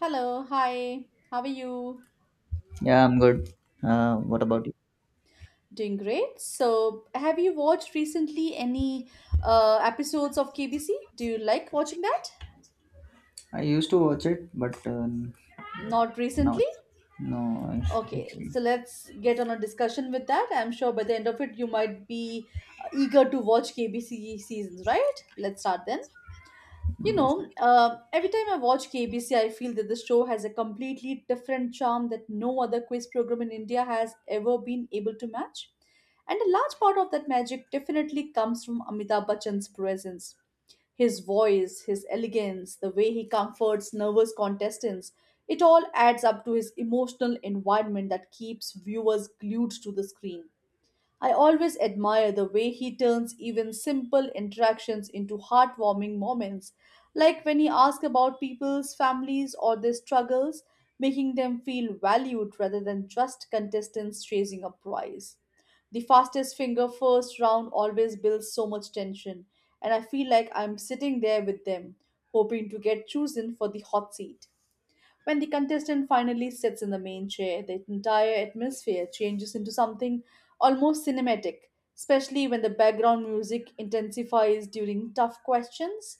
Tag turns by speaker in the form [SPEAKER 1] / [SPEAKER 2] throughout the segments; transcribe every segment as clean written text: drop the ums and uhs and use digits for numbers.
[SPEAKER 1] Hello, hi. How are you?
[SPEAKER 2] Yeah, I'm good. What about you?
[SPEAKER 1] Doing great. So, have you watched recently any episodes of KBC? Do you like watching that?
[SPEAKER 2] I used to watch it, but
[SPEAKER 1] Not
[SPEAKER 2] now
[SPEAKER 1] recently?
[SPEAKER 2] no.
[SPEAKER 1] Okay, so let's get on a discussion with that. I'm sure by the end of it, you might be eager to watch KBC seasons, right? Let's start then. Every time I watch KBC, I feel that the show has a completely different charm that no other quiz program in India has ever been able to match. And a large part of that magic definitely comes from Amitabh Bachchan's presence. His voice, his elegance, the way he comforts nervous contestants, it all adds up to his emotional environment that keeps viewers glued to the screen. I always admire the way he turns even simple interactions into heartwarming moments, like when he asks about people's families or their struggles, making them feel valued rather than just contestants chasing a prize. The fastest finger first round always builds so much tension, and I feel like I'm sitting there with them, hoping to get chosen for the hot seat. When the contestant finally sits in the main chair, the entire atmosphere changes into something almost cinematic, especially when the background music intensifies during tough questions.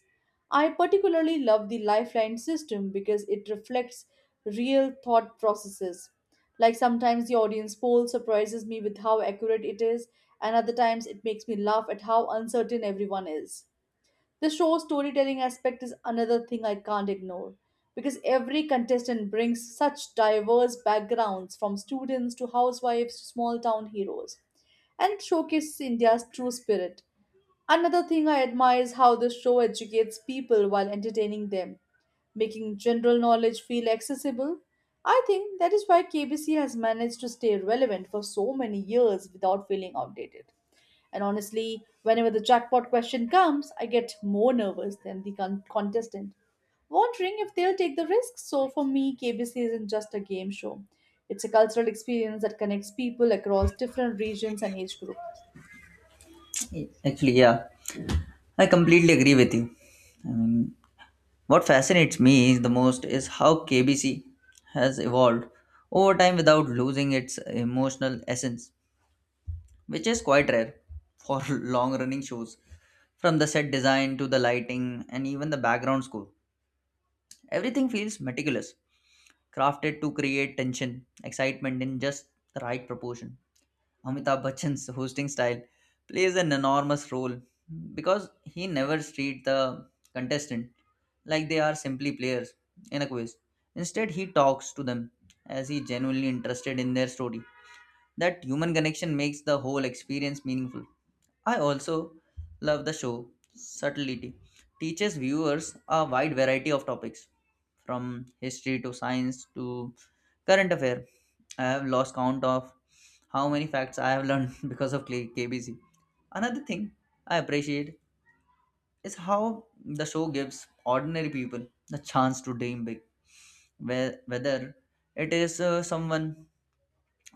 [SPEAKER 1] I particularly love the lifeline system because it reflects real thought processes. Like sometimes the audience poll surprises me with how accurate it is, and other times it makes me laugh at how uncertain everyone is. The show's storytelling aspect is another thing I can't ignore because every contestant brings such diverse backgrounds from students to housewives to small town heroes and showcases India's true spirit. Another thing I admire is how the show educates people while entertaining them, making general knowledge feel accessible. I think that is why KBC has managed to stay relevant for so many years without feeling outdated. And honestly, whenever the jackpot question comes, I get more nervous than the contestant, wondering if they'll take the risk. So for me, KBC isn't just a game show, it's a cultural experience that connects people across different regions and age groups.
[SPEAKER 2] Actually, yeah, I completely agree with you. I mean, what fascinates me is the most is how KBC has evolved over time without losing its emotional essence, which is quite rare for long-running shows. From the set design to the lighting and even the background score, everything feels meticulous crafted to create tension, excitement in just the right proportion. Amitabh Bachchan's hosting style plays an enormous role because he never treats the contestant like they are simply players in a quiz. Instead, he talks to them as he genuinely interested in their story. That human connection makes the whole experience meaningful. I also love the show Subtlety teaches viewers a wide variety of topics from history to science to current affair. I have lost count of how many facts I have learned because of KBC. Another thing I appreciate is how the show gives ordinary people the chance to dream big, whether it is someone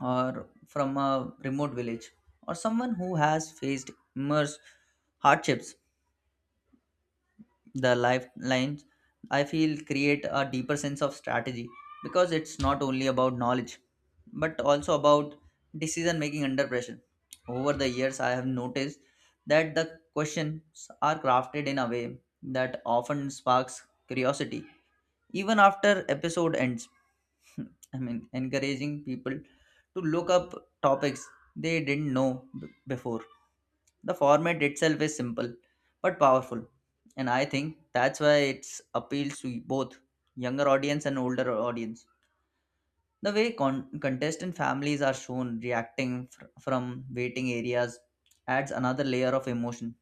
[SPEAKER 2] or from a remote village or someone who has faced immense hardships. The lifelines, I feel, create a deeper sense of strategy, because it's not only about knowledge but also about decision making under pressure. Over the years, I have noticed that the questions are crafted in a way that often sparks curiosity even after episode ends. I mean, encouraging people to look up topics they didn't know before. The format itself is simple but powerful, and I think that's why it's appeals to both younger audience and older audience. The way contestant families are shown reacting from waiting areas adds another layer of emotion,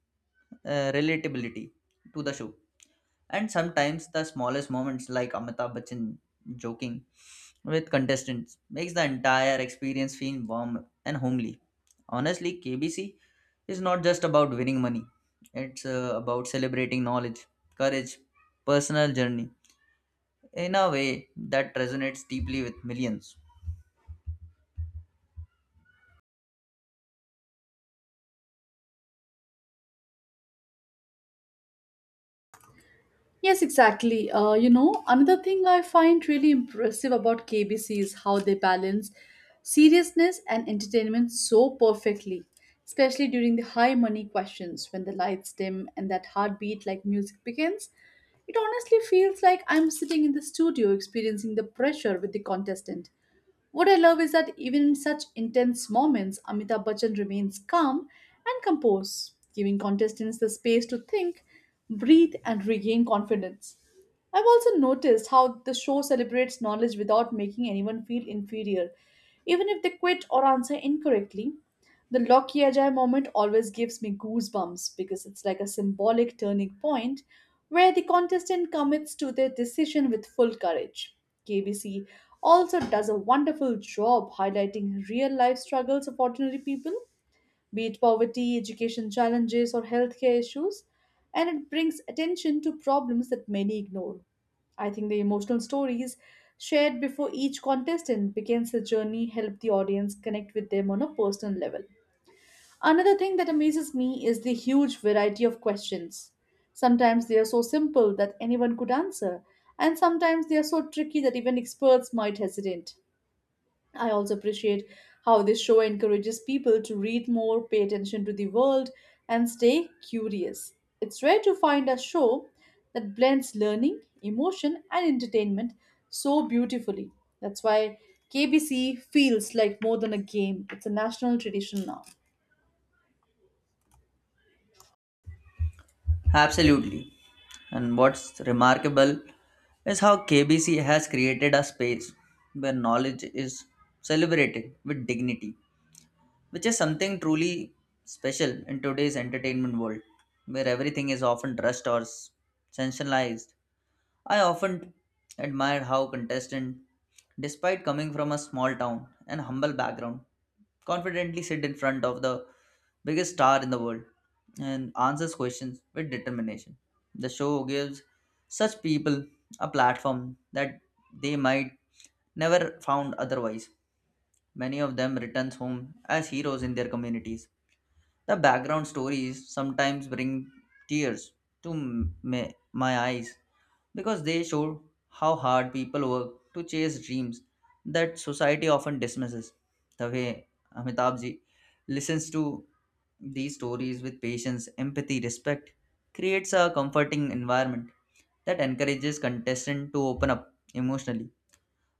[SPEAKER 2] relatability to the show. And sometimes the smallest moments, like Amitabh Bachchan joking with contestants, makes the entire experience feel warm and homely. Honestly, KBC is not just about winning money, it's about celebrating knowledge, courage, personal journey in a way that resonates deeply with millions.
[SPEAKER 1] Yes, exactly. Another thing I find really impressive about KBC is how they balance seriousness and entertainment so perfectly, especially during the high money questions when the lights dim and that heartbeat like music begins. It honestly feels like I'm sitting in the studio experiencing the pressure with the contestant. What I love is that even in such intense moments, Amitabh Bachchan remains calm and composed, giving contestants the space to think, breathe, and regain confidence. I've also noticed how the show celebrates knowledge without making anyone feel inferior, even if they quit or answer incorrectly. The Loki Ajay moment always gives me goosebumps because it's like a symbolic turning point where the contestant commits to their decision with full courage. KBC also does a wonderful job highlighting real life struggles of ordinary people be it poverty, education challenges, or healthcare issues, and it brings attention to problems that many ignore. I think the emotional stories shared before each contestant begins the journey help the audience connect with them on a personal level. Another thing that amazes me is the huge variety of questions. Sometimes they are so simple that anyone could answer, and sometimes they are so tricky that even experts might hesitate. I also appreciate how this show encourages people to read more, pay attention to the world, and stay curious. It's rare to find a show that blends learning, emotion, and entertainment so beautifully. That's why KBC feels like more than a game, it's a national tradition now.
[SPEAKER 2] Absolutely. And what's remarkable is how KBC has created a space where knowledge is celebrated with dignity, which is something truly special in today's entertainment world, where everything is often rushed or sensationalized. I often admire how contestants, despite coming from a small town and humble background, confidently sit in front of the biggest star in the world and answers questions with determination. The show gives such people a platform that they might never found otherwise. Many of them returns home as heroes in their communities. The background stories sometimes bring tears to my eyes because they show how hard people work to chase dreams that society often dismisses. The way Amitabhji listens to these stories with patience, empathy, respect creates a comforting environment that encourages contestants to open up emotionally.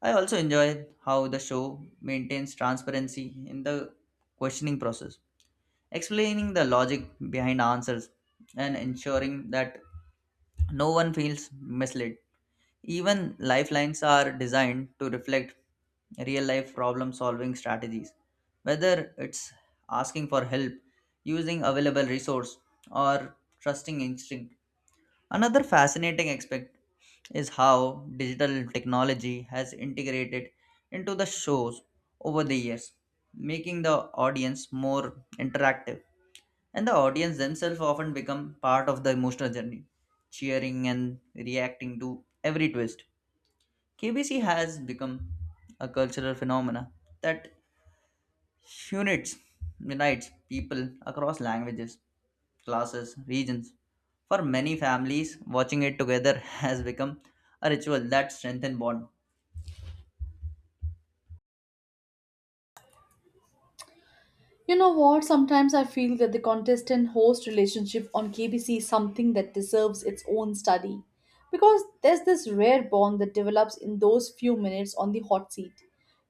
[SPEAKER 2] I also enjoy how the show maintains transparency in the questioning process, explaining the logic behind answers and ensuring that no one feels misled. Even lifelines are designed to reflect real life problem solving strategies, whether it's asking for help, using available resource, or trusting instinct. Another fascinating aspect is how digital technology has integrated into the shows over the years, making the audience more interactive. And the audience themselves often become part of the emotional journey, cheering and reacting to every twist. KBC has become a cultural phenomena that unites unites people across languages, classes, regions. For many families, watching it together has become a ritual that strengthens bond.
[SPEAKER 1] You know what? Sometimes I feel that the contestant host relationship on KBC is something that deserves its own study because there's this rare bond that develops in those few minutes on the hot seat.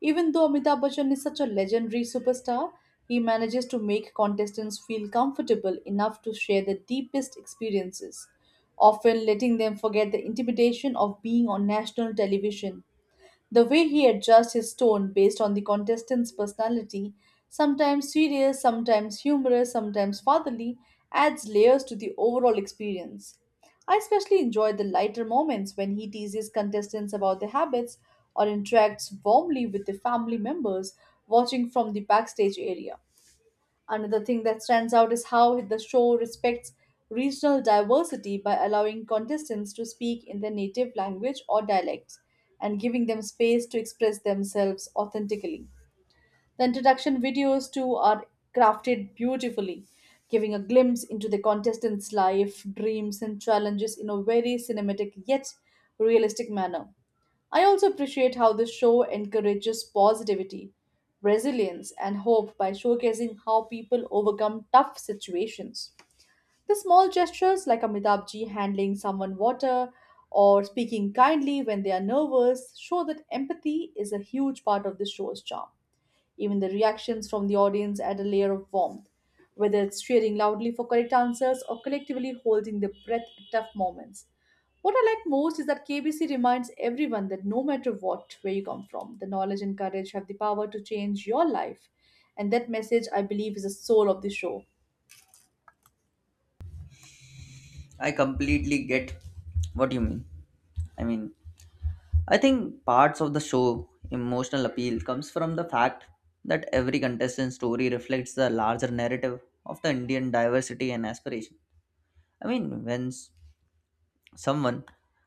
[SPEAKER 1] Even though Amitabh Bachchan is such a legendary superstar, he manages to make contestants feel comfortable enough to share their deepest experiences, often letting them forget the intimidation of being on national television. The way he adjusts his tone based on the contestant's personality, sometimes serious, sometimes humorous, sometimes fatherly, adds layers to the overall experience. I especially enjoy the lighter moments when he teases contestants about their habits or interacts warmly with the family members watching from the backstage area. Another thing that stands out is how the show respects regional diversity by allowing contestants to speak in their native language or dialects and giving them space to express themselves authentically. The introduction videos, too, are crafted beautifully, giving a glimpse into the contestants' life, dreams, and challenges in a very cinematic yet realistic manner. I also appreciate how the show encourages positivity, resilience, and hope by showcasing how people overcome tough situations. The small gestures like Amitabh ji handling someone water or speaking kindly when they are nervous show that empathy is a huge part of the show's charm. Even the reactions from the audience add a layer of warmth, whether it's cheering loudly for correct answers or collectively holding their breath at tough moments. What I like most is that KBC reminds everyone that no matter what, where you come from, the knowledge and courage have the power to change your life. And that message, I believe, is the soul of the show.
[SPEAKER 2] I completely get what you mean. I mean, I think parts of the show emotional appeal comes from the fact that every contestant's story reflects the larger narrative of the Indian diversity and aspiration. I mean, when someone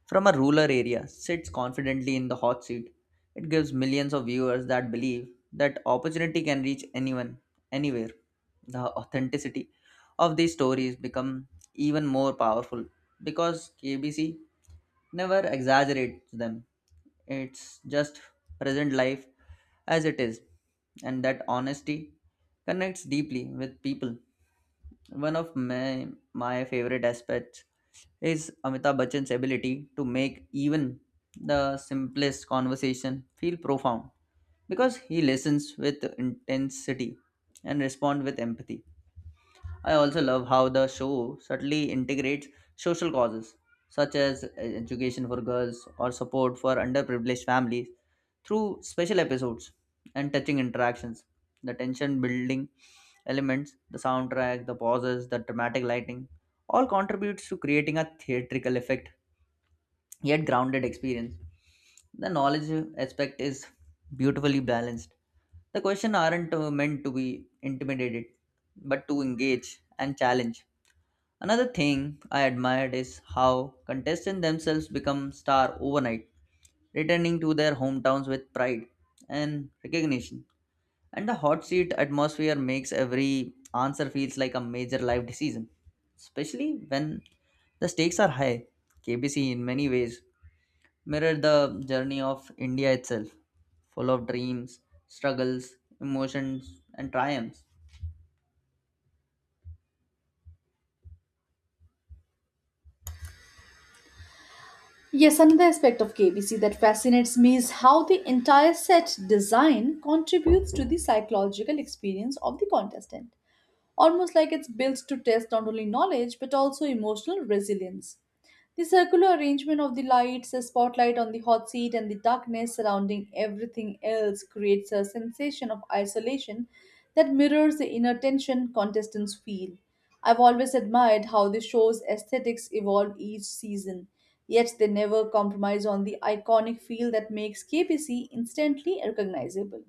[SPEAKER 2] from a rural area sits confidently in the hot seat. It gives millions of viewers that believe that opportunity can reach anyone, anywhere. The authenticity of these stories become even more powerful because KBC never exaggerates them. It's just present life as it is, and that honesty connects deeply with people. One of my favorite aspects is Amitabh Bachchan's ability to make even the simplest conversation feel profound because he listens with intensity and respond with empathy. I also love how the show subtly integrates social causes such as education for girls or support for underprivileged families through special episodes and touching interactions. The tension building elements, the soundtrack, the pauses, the dramatic lighting all contributes to creating a theatrical effect yet grounded experience. The knowledge aspect is beautifully balanced. The questions aren't meant to be intimidated, but to engage and challenge. Another thing I admired is how contestants themselves become star overnight, returning to their hometowns with pride and recognition. And the hot seat atmosphere makes every answer feels like a major life decision, especially when the stakes are high. KBC in many ways mirrored the journey of India itself, full of dreams, struggles, emotions, and triumphs.
[SPEAKER 1] Yes, another aspect of KBC that fascinates me is how the entire set design contributes to the psychological experience of the contestant, almost like it's built to test not only knowledge but also emotional resilience. The circular arrangement of the lights, a spotlight on the hot seat, and the darkness surrounding everything else creates a sensation of isolation that mirrors the inner tension contestants feel. I've always admired how the show's aesthetics evolve each season, yet they never compromise on the iconic feel that makes KPC instantly recognizable.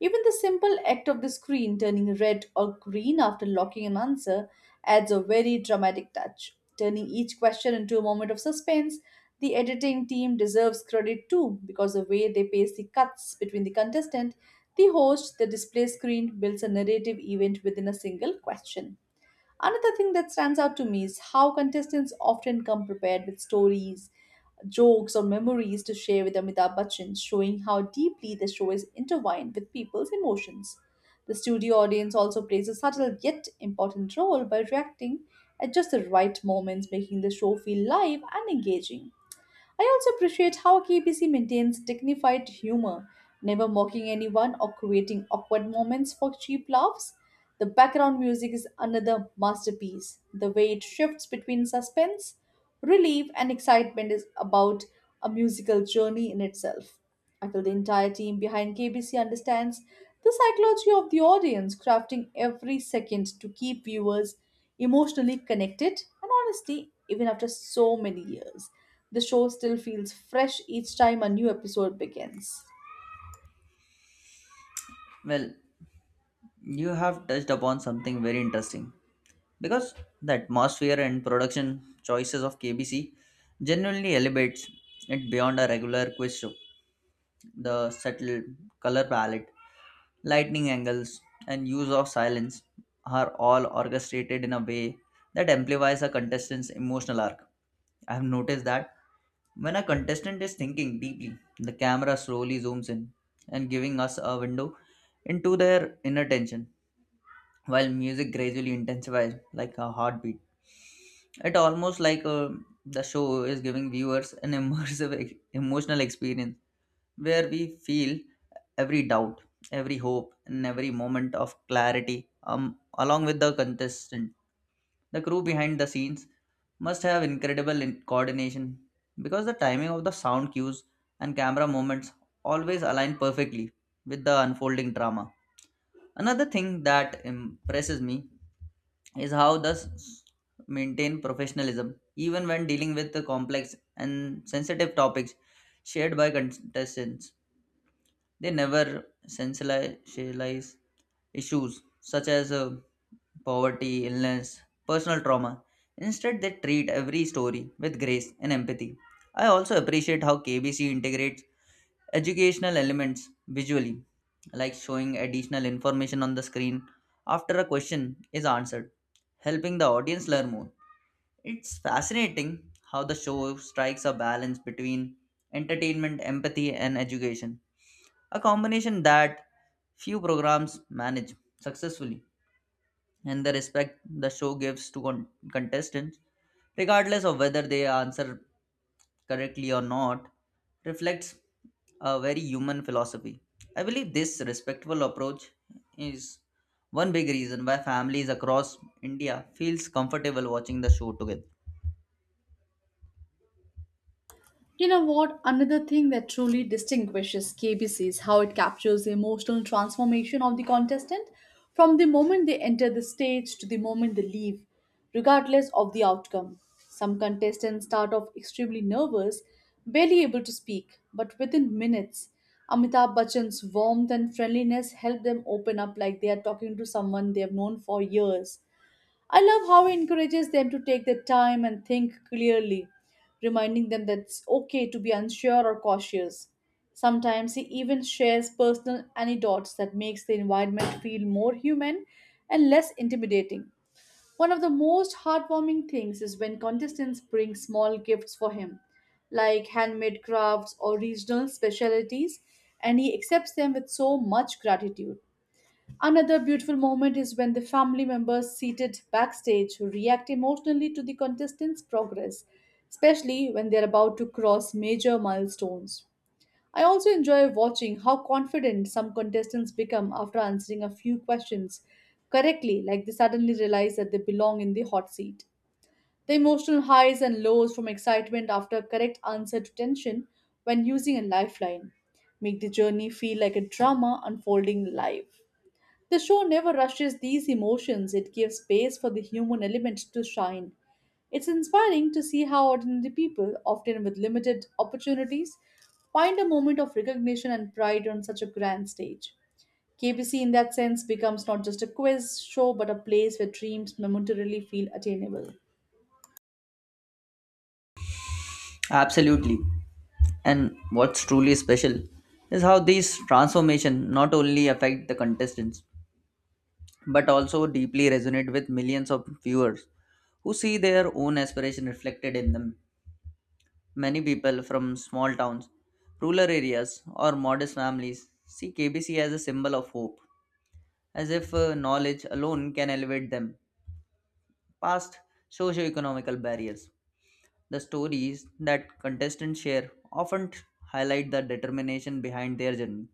[SPEAKER 1] Even the simple act of the screen turning red or green after locking an answer adds a very dramatic touch, turning each question into a moment of suspense. The editing team deserves credit too because the way they pace the cuts between the contestant, the host, the display screen builds a narrative event within a single question. Another thing that stands out to me is how contestants often come prepared with stories, jokes or memories to share with Amitabh Bachchan, showing how deeply the show is intertwined with people's emotions. The studio audience also plays a subtle yet important role by reacting at just the right moments, making the show feel live and engaging. I also appreciate how KBC maintains dignified humor, never mocking anyone or creating awkward moments for cheap laughs. The background music is another masterpiece. The way it shifts between suspense, relief, and excitement is about a musical journey in itself. I feel the entire team behind KBC understands the psychology of the audience, crafting every second to keep viewers emotionally connected, and honestly, even after so many years, the show still feels fresh each time a new episode begins.
[SPEAKER 2] Well, you have touched upon something very interesting because the atmosphere and production choices of KBC genuinely elevates it beyond a regular quiz show. The subtle color palette, lightning angles, and use of silence are all orchestrated in a way that amplifies a contestant's emotional arc. I have noticed that when a contestant is thinking deeply, the camera slowly zooms in and giving us a window into their inner tension, while music gradually intensifies like a heartbeat. It almost like the show is giving viewers an immersive emotional experience where we feel every doubt, every hope, and every moment of clarity along with the contestant. The crew behind the scenes must have incredible coordination because the timing of the sound cues and camera movements always align perfectly with the unfolding drama. Another thing that impresses me is how the maintain professionalism even when dealing with the complex and sensitive topics shared by contestants. They never sensationalize issues such as poverty, illness, personal trauma. Instead, they treat every story with grace and empathy. I also appreciate how KBC integrates educational elements visually, like showing additional information on the screen after a question is answered, helping the audience learn more. It's fascinating how the show strikes a balance between entertainment, empathy, and education, a combination that few programs manage successfully, and the respect the show gives to contestants, regardless of whether they answer correctly or not, reflects a very human philosophy. I believe this respectful approach is one big reason why families across India feels comfortable watching the show together.
[SPEAKER 1] You know what? Another thing that truly distinguishes KBC is how it captures the emotional transformation of the contestant from the moment they enter the stage to the moment they leave, regardless of the outcome. Some contestants start off extremely nervous, barely able to speak, but within minutes, Amitabh Bachchan's warmth and friendliness help them open up like they are talking to someone they have known for years. I love how he encourages them to take their time and think clearly, reminding them that it's okay to be unsure or cautious. Sometimes he even shares personal anecdotes that makes the environment feel more human and less intimidating. One of the most heartwarming things is when contestants bring small gifts for him, like handmade crafts or regional specialties, and he accepts them with so much gratitude. Another beautiful moment is when the family members seated backstage react emotionally to the contestants' progress, especially when they're about to cross major milestones. I also enjoy watching how confident some contestants become after answering a few questions correctly, like they suddenly realize that they belong in the hot seat. The emotional highs and lows from excitement after a correct answer to tension when using a lifeline make the journey feel like a drama unfolding live. The show never rushes these emotions, it gives space for the human element to shine. It's inspiring to see how ordinary people, often with limited opportunities, find a moment of recognition and pride on such a grand stage. KBC, in that sense, becomes not just a quiz show but a place where dreams momentarily feel attainable.
[SPEAKER 2] Absolutely. And what's truly special is how these transformation not only affect the contestants but also deeply resonate with millions of viewers who see their own aspiration reflected in them. Many people from small towns, rural areas, or modest families see KBC as a symbol of hope, as if knowledge alone can elevate them past socio-economical barriers. The stories that contestants share often highlight the determination behind their journey,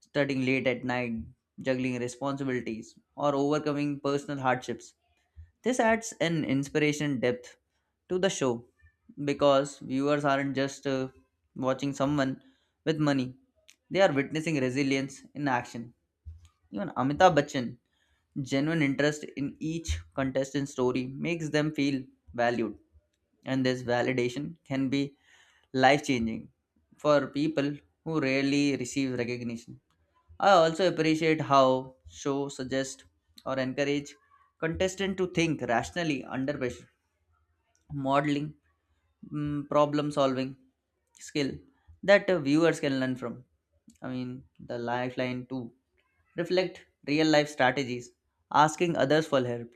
[SPEAKER 2] studying late at night, juggling responsibilities, or overcoming personal hardships. This adds an inspiration depth to the show because viewers aren't just watching someone with money, they are witnessing resilience in action. Even Amitabh Bachchan genuine interest in each contestant's story makes them feel valued, and this validation can be life changing for people who rarely receive recognition. I also appreciate how show suggest or encourage contestant to think rationally under pressure, modeling, problem solving skill that viewers can learn from. I mean, the lifeline to reflect real life strategies, asking others for help,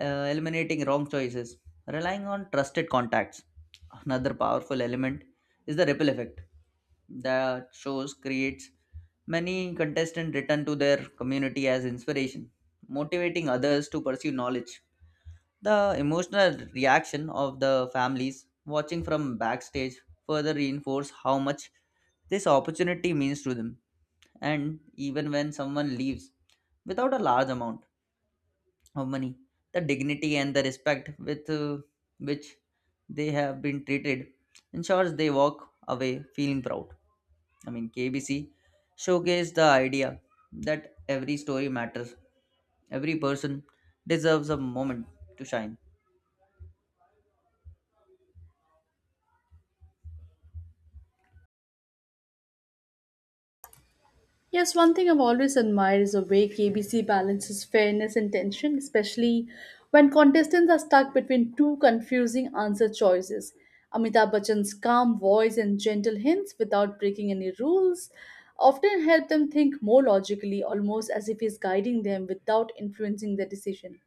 [SPEAKER 2] eliminating wrong choices, relying on trusted contacts. Another powerful element is the ripple effect the shows creates, many contestants return to their community as inspiration, motivating others to pursue knowledge. The emotional reaction of the families watching from backstage further reinforce how much this opportunity means to them. And even when someone leaves without a large amount of money, the dignity and the respect with which they have been treated ensures they walk away feeling proud. I mean, KBC showcased the idea that every story matters, every person deserves a moment to shine.
[SPEAKER 1] Yes, one thing I've always admired is the way KBC balances fairness and tension, especially when contestants are stuck between two confusing answer choices. Amitabh Bachchan's calm voice and gentle hints without breaking any rules often help them think more logically, almost as if he's guiding them without influencing their decision.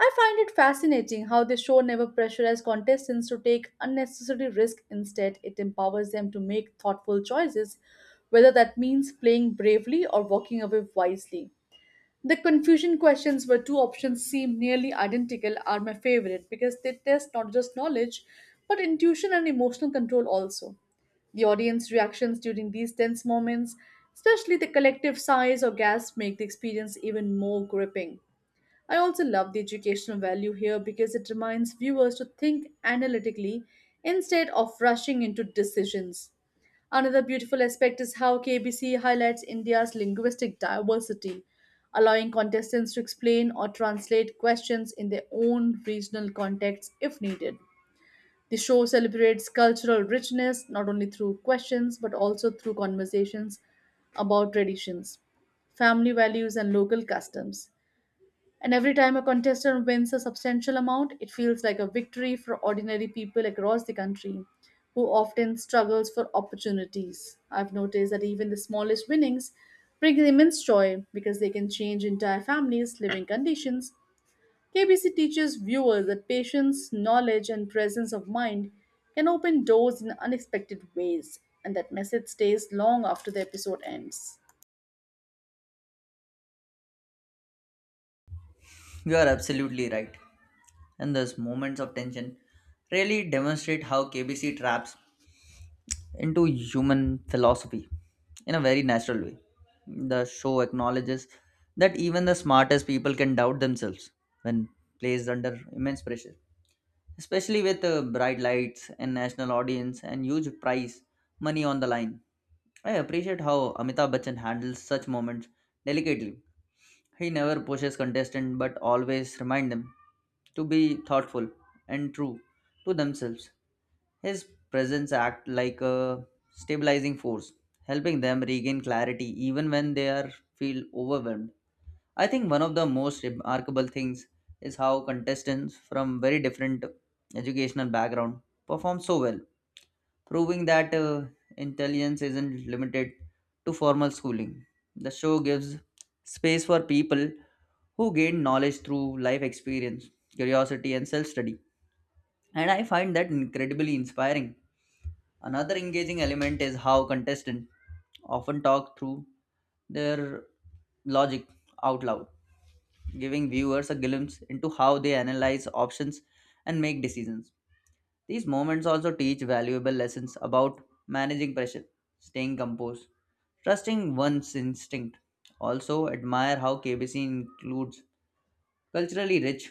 [SPEAKER 1] I find it fascinating how the show never pressurizes contestants to take unnecessary risk. Instead, it empowers them to make thoughtful choices, whether that means playing bravely or walking away wisely. The confusion questions where two options seem nearly identical are my favorite because they test not just knowledge, but intuition and emotional control also. The audience reactions during these tense moments, especially the collective sighs or gasps, make the experience even more gripping. I also love the educational value here because it reminds viewers to think analytically instead of rushing into decisions. Another beautiful aspect is how KBC highlights India's linguistic diversity, allowing contestants to explain or translate questions in their own regional context if needed. The show celebrates cultural richness not only through questions but also through conversations about traditions, family values, and local customs. And every time a contestant wins a substantial amount, it feels like a victory for ordinary people across the country who often struggles for opportunities. I've noticed that even the smallest winnings bring immense joy because they can change entire families' living conditions. KBC teaches viewers that patience, knowledge, and presence of mind can open doors in unexpected ways, and that message stays long after the episode ends.
[SPEAKER 2] You are absolutely right. And those moments of tension really demonstrate how KBC traps into human philosophy in a very natural way. The show acknowledges that even the smartest people can doubt themselves when placed under immense pressure, especially with bright lights and national audience and huge prize money on the line. I appreciate how Amitabh Bachchan handles such moments delicately. He never pushes contestants but always reminds them to be thoughtful and true to themselves. His presence acts like a stabilizing force, helping them regain clarity even when they are feel overwhelmed. I think one of the most remarkable things is how contestants from very different educational background perform so well, proving that intelligence isn't limited to formal schooling. The show gives space for people who gain knowledge through life experience, curiosity, and self study. And I find that incredibly inspiring. Another engaging element is how contestants often talk through their logic out loud, giving viewers a glimpse into how they analyze options and make decisions. These moments also teach valuable lessons about managing pressure, staying composed, trusting one's instinct. Also, admire how KBC includes culturally rich,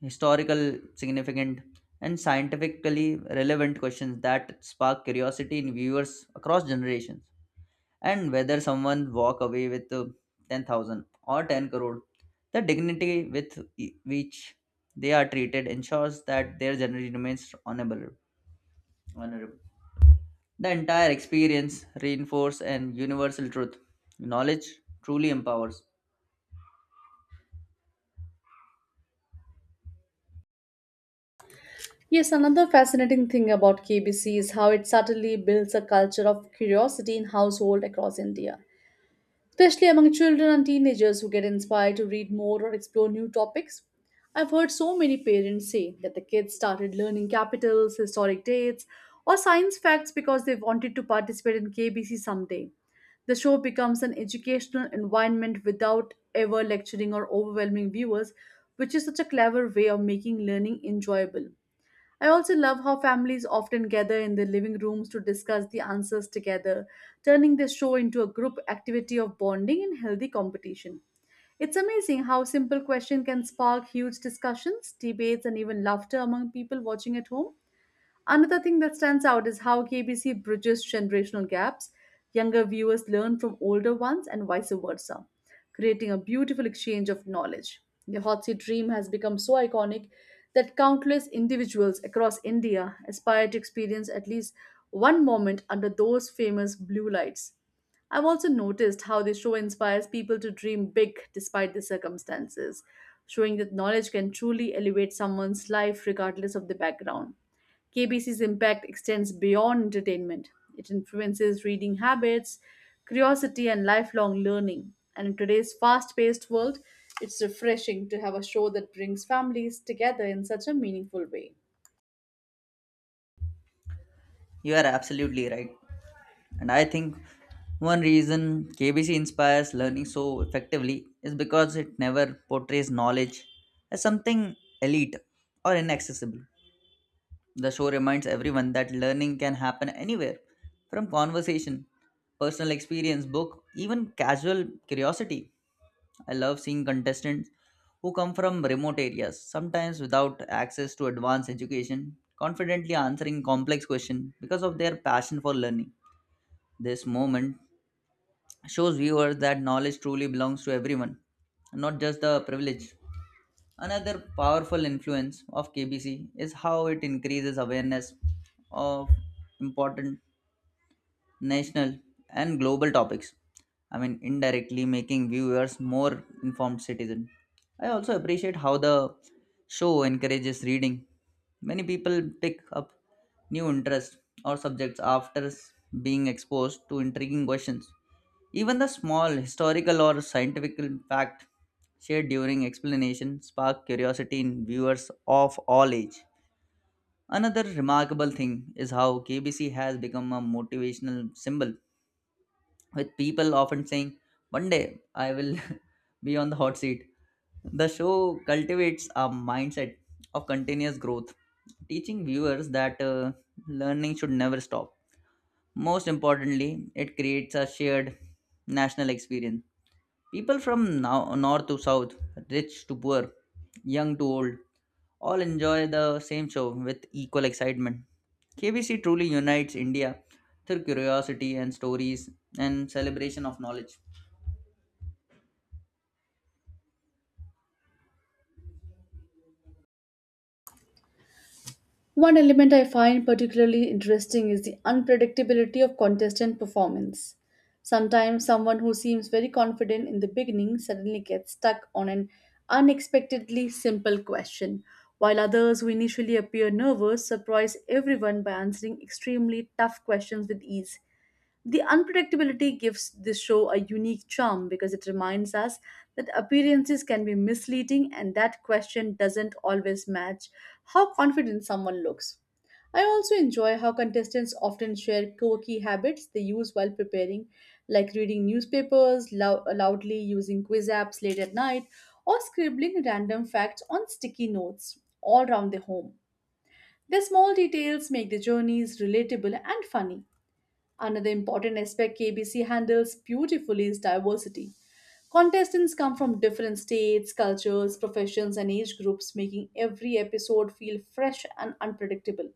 [SPEAKER 2] historical significant, and scientifically relevant questions that spark curiosity in viewers across generations. And whether someone walk away with 10,000 or 10 crore, the dignity with which they are treated ensures that their journey remains honorable. The entire experience reinforces an universal truth: knowledge truly empowers.
[SPEAKER 1] Yes, another fascinating thing about KBC is how it subtly builds a culture of curiosity in households across India, especially among children and teenagers who get inspired to read more or explore new topics. I've heard so many parents say that the kids started learning capitals, historic dates, or science facts because they wanted to participate in KBC someday. The show becomes an educational environment without ever lecturing or overwhelming viewers, which is such a clever way of making learning enjoyable. I also love how families often gather in their living rooms to discuss the answers together, turning the show into a group activity of bonding and healthy competition. It's amazing how a simple question can spark huge discussions, debates, and even laughter among people watching at home. Another thing that stands out is how KBC bridges generational gaps. Younger viewers learn from older ones and vice versa, creating a beautiful exchange of knowledge. The hot seat dream has become so iconic that countless individuals across India aspire to experience at least one moment under those famous blue lights. I've also noticed how the show inspires people to dream big despite the circumstances, showing that knowledge can truly elevate someone's life regardless of the background. KBC's impact extends beyond entertainment. It influences reading habits, curiosity, and lifelong learning. And in today's fast paced world, it's refreshing to have a show that brings families together in such a meaningful way.
[SPEAKER 2] You are absolutely right. And I think one reason KBC inspires learning so effectively is because it never portrays knowledge as something elite or inaccessible. The show reminds everyone that learning can happen anywhere, from conversation, personal experience, book, even casual curiosity. I love seeing contestants who come from remote areas, sometimes without access to advanced education, confidently answering complex questions because of their passion for learning. This moment shows viewers that knowledge truly belongs to everyone, not just the privileged. Another powerful influence of KBC is how it increases awareness of important national and global topics. I mean, indirectly making viewers more informed citizen. I also appreciate how the show encourages reading. Many people pick up new interests or subjects after being exposed to intriguing questions. Even the small historical or scientific fact shared during explanation spark curiosity in viewers of all age. Another remarkable thing is how KBC has become a motivational symbol, with people often saying, "One day I will be on the hot seat." The show cultivates a mindset of continuous growth, teaching viewers that learning should never stop. Most importantly, it creates a shared national experience. People from now, north to south, rich to poor, young to old, all enjoy the same show with equal excitement. KBC truly unites India through curiosity and stories and celebration of knowledge.
[SPEAKER 1] One element I find particularly interesting is the unpredictability of contestant performance. Sometimes someone who seems very confident in the beginning suddenly gets stuck on an unexpectedly simple question, while others who initially appear nervous surprise everyone by answering extremely tough questions with ease. The unpredictability gives this show a unique charm because it reminds us that appearances can be misleading and that question doesn't always match how confident someone looks. I also enjoy how contestants often share quirky habits they use while preparing, like reading newspapers, loudly using quiz apps late at night, or scribbling random facts on sticky notes all around their home. Their small details make the journeys relatable and funny. Another important aspect KBC handles beautifully is diversity. Contestants come from different states, cultures, professions, and age groups, making every episode feel fresh and unpredictable.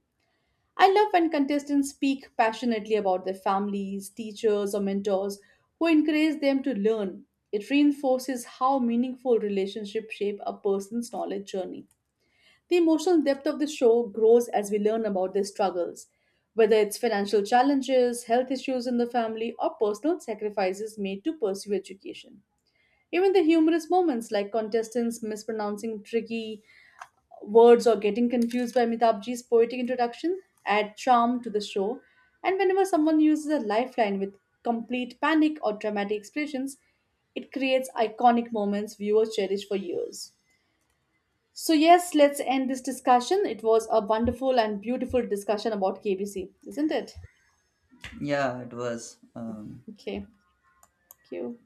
[SPEAKER 1] I love when contestants speak passionately about their families, teachers, or mentors who encourage them to learn. It reinforces how meaningful relationships shape a person's knowledge journey. The emotional depth of the show grows as we learn about their struggles, whether it's financial challenges, health issues in the family, or personal sacrifices made to pursue education. Even the humorous moments like contestants mispronouncing tricky words or getting confused by Mitabji's poetic introduction add charm to the show. And whenever someone uses a lifeline with complete panic or dramatic expressions, it creates iconic moments viewers cherish for years. So, yes, let's end this discussion. It was a wonderful and beautiful discussion about KBC, isn't it?
[SPEAKER 2] Yeah, it was.
[SPEAKER 1] Okay, thank you.